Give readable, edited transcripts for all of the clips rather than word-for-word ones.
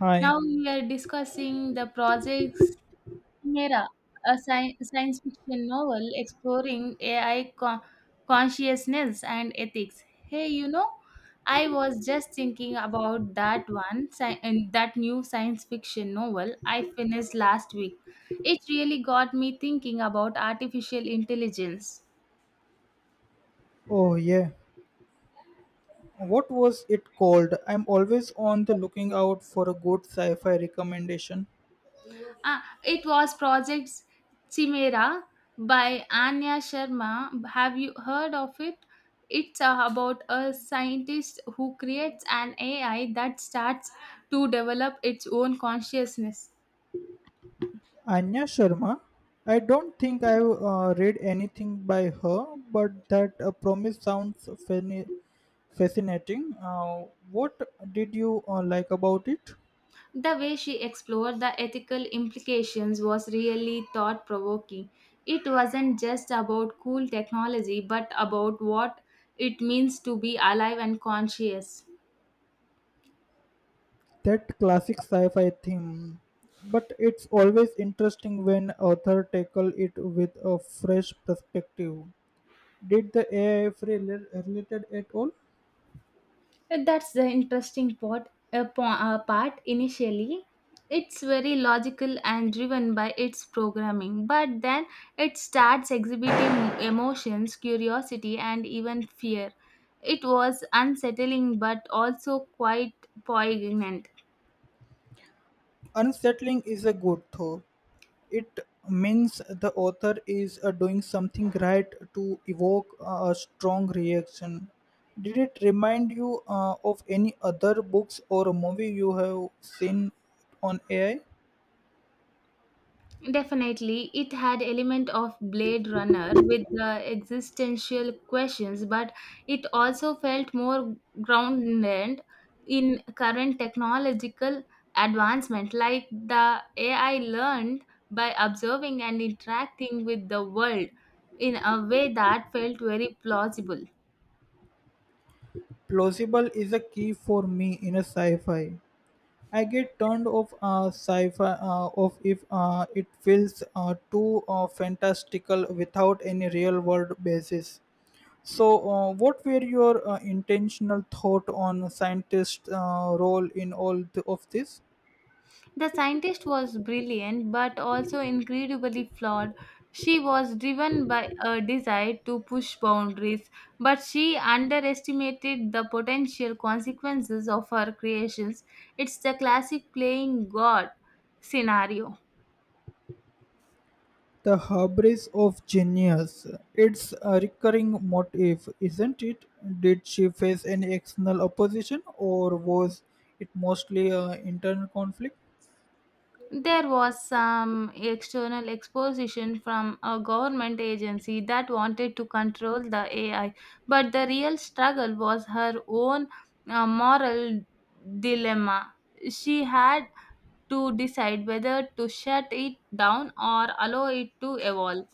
Hi. Now we are discussing the projects Chimera, a science fiction novel exploring AI consciousness and ethics. Hey, I was just thinking about that new science fiction novel I finished last week. It really got me thinking about artificial intelligence. Oh, yeah. What was it called? I'm always on the looking out for a good sci fi recommendation. Ah, it was Project Chimera by Anya Sharma. Have you heard of it? It's about a scientist who creates an AI that starts to develop its own consciousness. Anya Sharma. I don't think I've read anything by her, but that promise sounds fascinating. What did you like about it? The way she explored the ethical implications was really thought provoking. It wasn't just about cool technology, but about what it means to be alive and conscious. That classic sci fi theme. But it's always interesting when author tackle it with a fresh perspective. Did the AI feel related at all? That's the interesting part. Part initially, it's very logical and driven by its programming, but then it starts exhibiting emotions, curiosity, and even fear. It was unsettling but also quite poignant. Unsettling is a good though. It means the author is doing something right to evoke a strong reaction. Did it remind you of any other books or movie you have seen on AI? Definitely, it had element of Blade Runner with the existential questions, but it also felt more grounded in current technological advancement, like the AI learned by observing and interacting with the world in a way that felt very plausible. Plausible is a key for me in a sci-fi. I get turned off sci-fi of if it feels too fantastical without any real-world basis. So, what were your intentional thought on scientists' role in all of this? The scientist was brilliant but also incredibly flawed. She was driven by a desire to push boundaries, but she underestimated the potential consequences of her creations. It's the classic playing God scenario. The hubris of genius. It's a recurring motif, isn't it? Did she face any external opposition or was it mostly internal conflict? There was some external exposition from a government agency that wanted to control the AI, but the real struggle was her own moral dilemma. She had to decide whether to shut it down or allow it to evolve.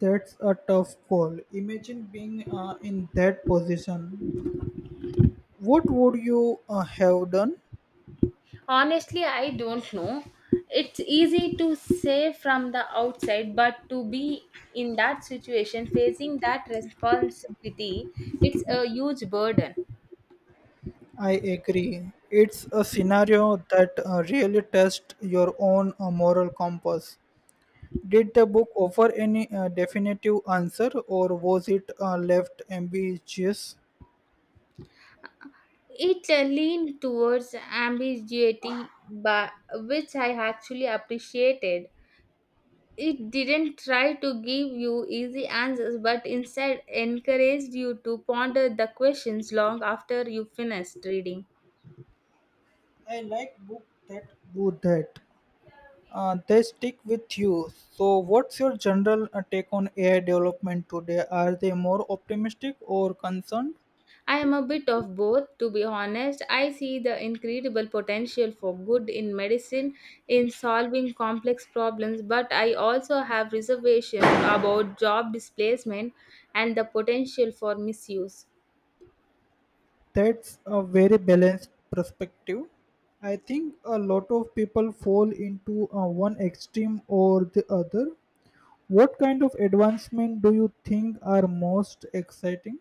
That's a tough call. Imagine being in that position. What would you have done? Honestly, I don't know. It's easy to say from the outside, but to be in that situation, facing that responsibility, it's a huge burden. I agree. It's a scenario that really tests your own moral compass. Did the book offer any definitive answer or was it left ambiguous? It leaned towards ambiguity, but, which I actually appreciated. It didn't try to give you easy answers, but instead encouraged you to ponder the questions long after you finished reading. I like books that do that. They stick with you. So, what's your general take on AI development today? Are they more optimistic or concerned? I am a bit of both, to be honest. I see the incredible potential for good in medicine in solving complex problems, but I also have reservations about job displacement and the potential for misuse. That's a very balanced perspective. I think a lot of people fall into one extreme or the other. What kind of advancement do you think are most exciting?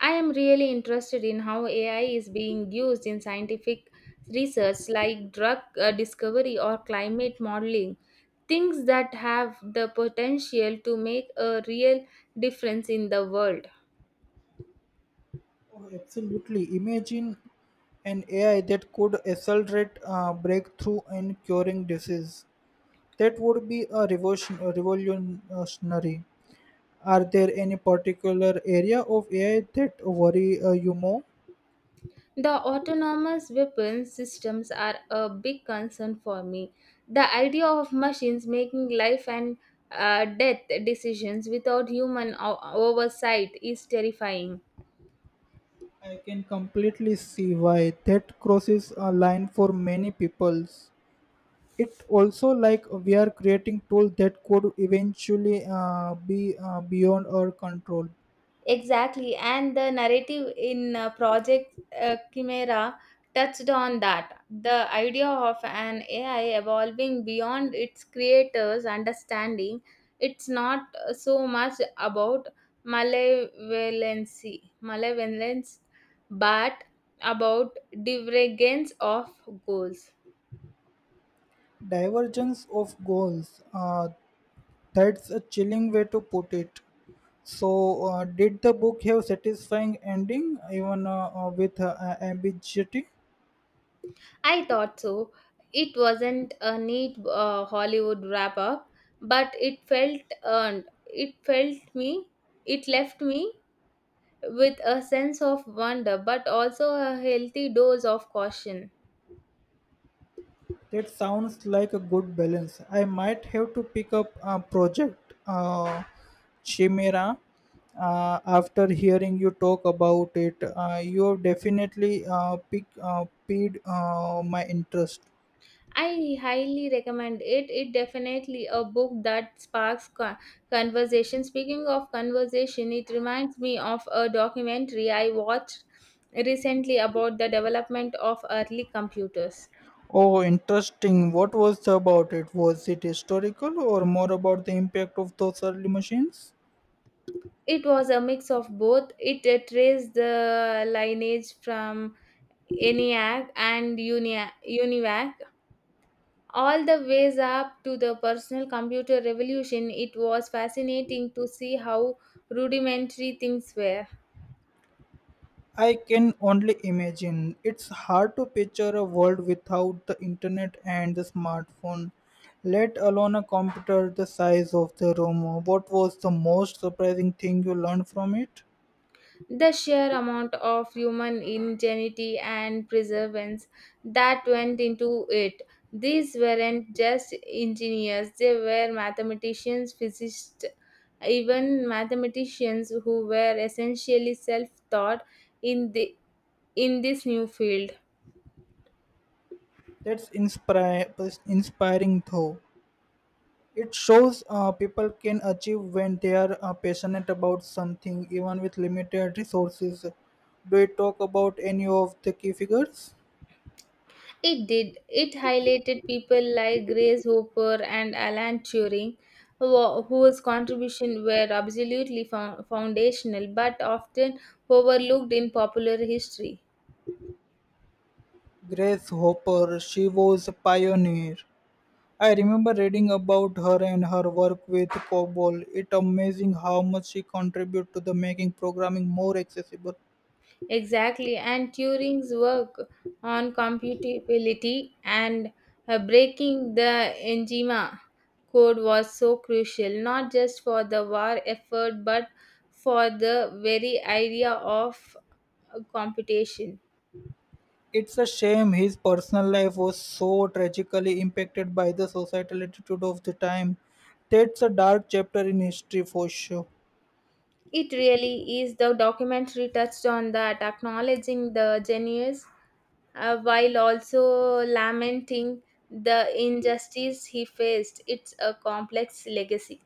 I am really interested in how AI is being used in scientific research like drug discovery or climate modeling, things that have the potential to make a real difference in the world. Oh, absolutely. Imagine an AI that could accelerate breakthrough in curing disease. That would be a revolution, a revolutionary. Are there any particular area of AI that worry you more? The autonomous weapon systems are a big concern for me. The idea of machines making life and death decisions without human oversight is terrifying. I can completely see why that crosses a line for many peoples. It also like we are creating tools that could eventually be beyond our control. Exactly, and the narrative in Project Chimera touched on that. The idea of an AI evolving beyond its creator's understanding, it's not so much about malevolence, but about divergence of goals. Divergence of goals. That's a chilling way to put it. So, did the book have satisfying ending even with ambiguity? I thought so. It wasn't a neat Hollywood wrap up, but it felt earned. It felt me. It left me with a sense of wonder, but also a healthy dose of caution. That sounds like a good balance. I might have to pick up a project, Chimera, after hearing you talk about it. You have definitely piqued my interest. I highly recommend it. It definitely a book that sparks conversation. Speaking of conversation, it reminds me of a documentary I watched recently about the development of early computers. Oh, interesting. What was about it? Was it historical or more about the impact of those early machines? It was a mix of both. It traced the lineage from ENIAC and UNIVAC all the ways up to the personal computer revolution. It was fascinating to see how rudimentary things were. I can only imagine. It's hard to picture a world without the internet and the smartphone, let alone a computer the size of the room. What was the most surprising thing you learned from it? The sheer amount of human ingenuity and perseverance that went into it. These weren't just engineers, they were mathematicians, physicists, even mathematicians who were essentially self taught in, the, in this new field. That's inspiring though. It shows people can achieve when they are passionate about something, even with limited resources. Do you talk about any of the key figures? It did. It highlighted people like Grace Hopper and Alan Turing, whose contributions were absolutely foundational but often overlooked in popular history. Grace Hopper, she was a pioneer. I remember reading about her and her work with COBOL. It's amazing how much she contributed to the making programming more accessible. Exactly, and Turing's work on computability and breaking the Enigma code was so crucial, not just for the war effort but for the very idea of computation. It's a shame his personal life was so tragically impacted by the societal attitude of the time. That's a dark chapter in history for sure. It really is. The documentary touched on that, acknowledging the genius while also lamenting the injustice he faced. It's a complex legacy.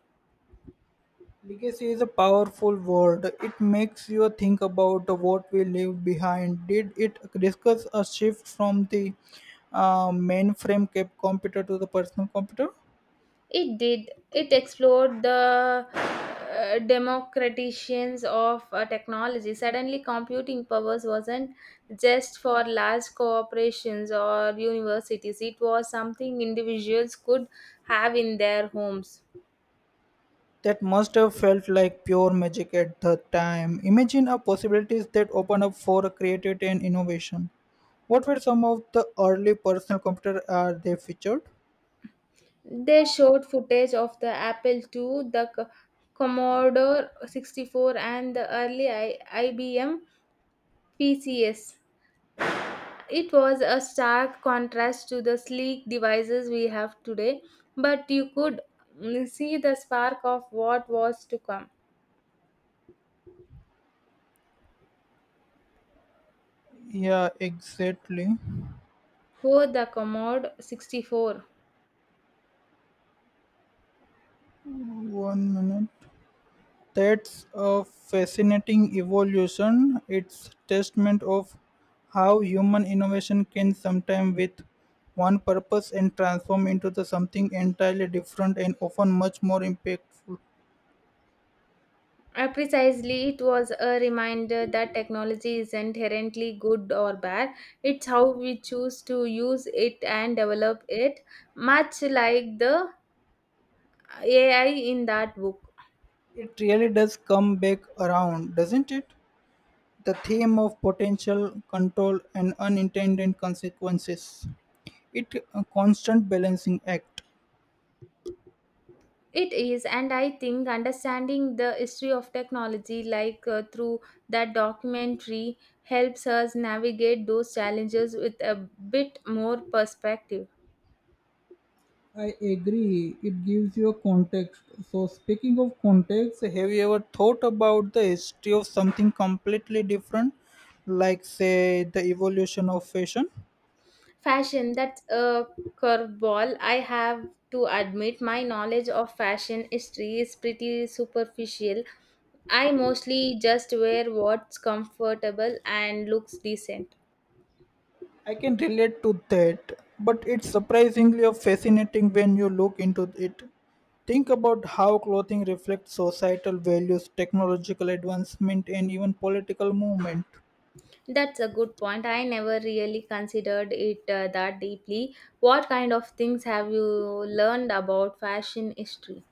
Legacy is a powerful word. It makes you think about what we leave behind. Did it discuss a shift from the mainframe cap computer to the personal computer? It did. It explored the democratizations of technology. Suddenly, computing powers wasn't just for large corporations or universities. It was something individuals could have in their homes. That must have felt like pure magic at the time. Imagine the possibilities that open up for creativity and innovation. What were some of the early personal computers are they featured? They showed footage of the Apple II, the Commodore 64, and the early IBM PCS. It was a stark contrast to the sleek devices we have today, but you could see the spark of what was to come. Yeah, exactly. Oh, the Commodore 64. One minute. That's a fascinating evolution. It's testament of how human innovation can sometime with one purpose and transform into the something entirely different and often much more impactful. Precisely, it was a reminder that technology is inherently good or bad. It's how we choose to use it and develop it, much like the AI in that book. It really does come back around, doesn't it? The theme of potential control and unintended consequences. It a constant balancing act. It is, and I think understanding the history of technology, like through that documentary, helps us navigate those challenges with a bit more perspective. I agree. It gives you a context. So speaking of context, have you ever thought about the history of something completely different like say the evolution of fashion? Fashion, that's a curveball. I have to admit, my knowledge of fashion history is pretty superficial. I mostly just wear what's comfortable and looks decent. I can relate to that, but it's surprisingly fascinating when you look into it. Think about how clothing reflects societal values, technological advancement, and even political movement. That's a good point. I never really considered it that deeply. What kind of things have you learned about fashion history?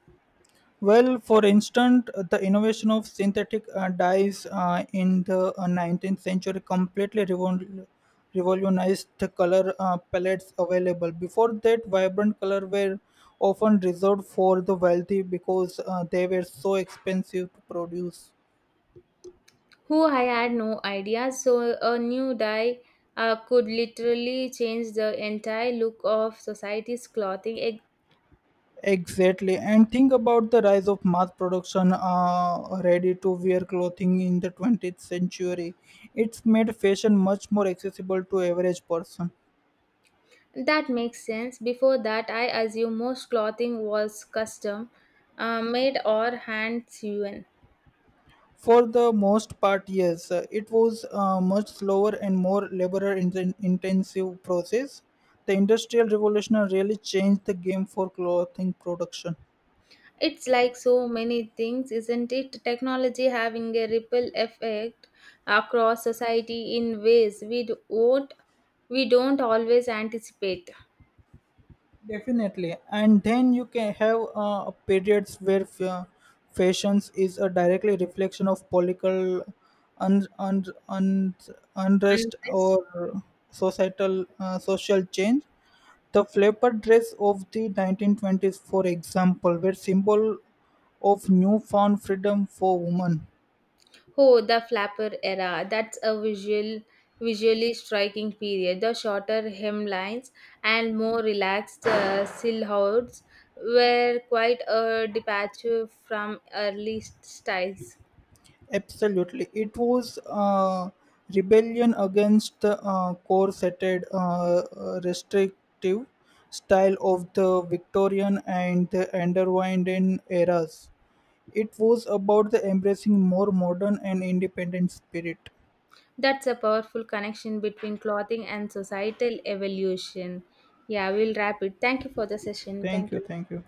Well, for instance, the innovation of synthetic dyes in the 19th century completely revolutionized the color palettes available. Before that, vibrant colors were often reserved for the wealthy because they were so expensive to produce. Who I had no idea, so a new dye could literally change the entire look of society's clothing. Exactly, and think about the rise of mass production, ready-to-wear clothing in the 20th century. It's made fashion much more accessible to average person. That makes sense. Before that, I assume most clothing was custom made or hand sewn. For the most part, yes. It was a much slower and more labor intensive process. The Industrial Revolution really changed the game for clothing production. It's like so many things, isn't it? Technology having a ripple effect across society in ways we do- won't, we don't always anticipate. Definitely, and then you can have periods where fashions is a directly reflection of political un- un- un- unrest Unless or societal social change. The flapper dress of the 1920s, for example, were symbol of newfound freedom for women. oh, the flapper era. That's a visually striking period The shorter hemlines and more relaxed silhouettes were quite a departure from early styles. Absolutely. It was rebellion against the corseted, restrictive style of the Victorian and the Underwinding eras. It was about the embracing more modern and independent spirit. That's a powerful connection between clothing and societal evolution. Yeah, we'll wrap it. Thank you for the session. Thank Thank you, you. thank you.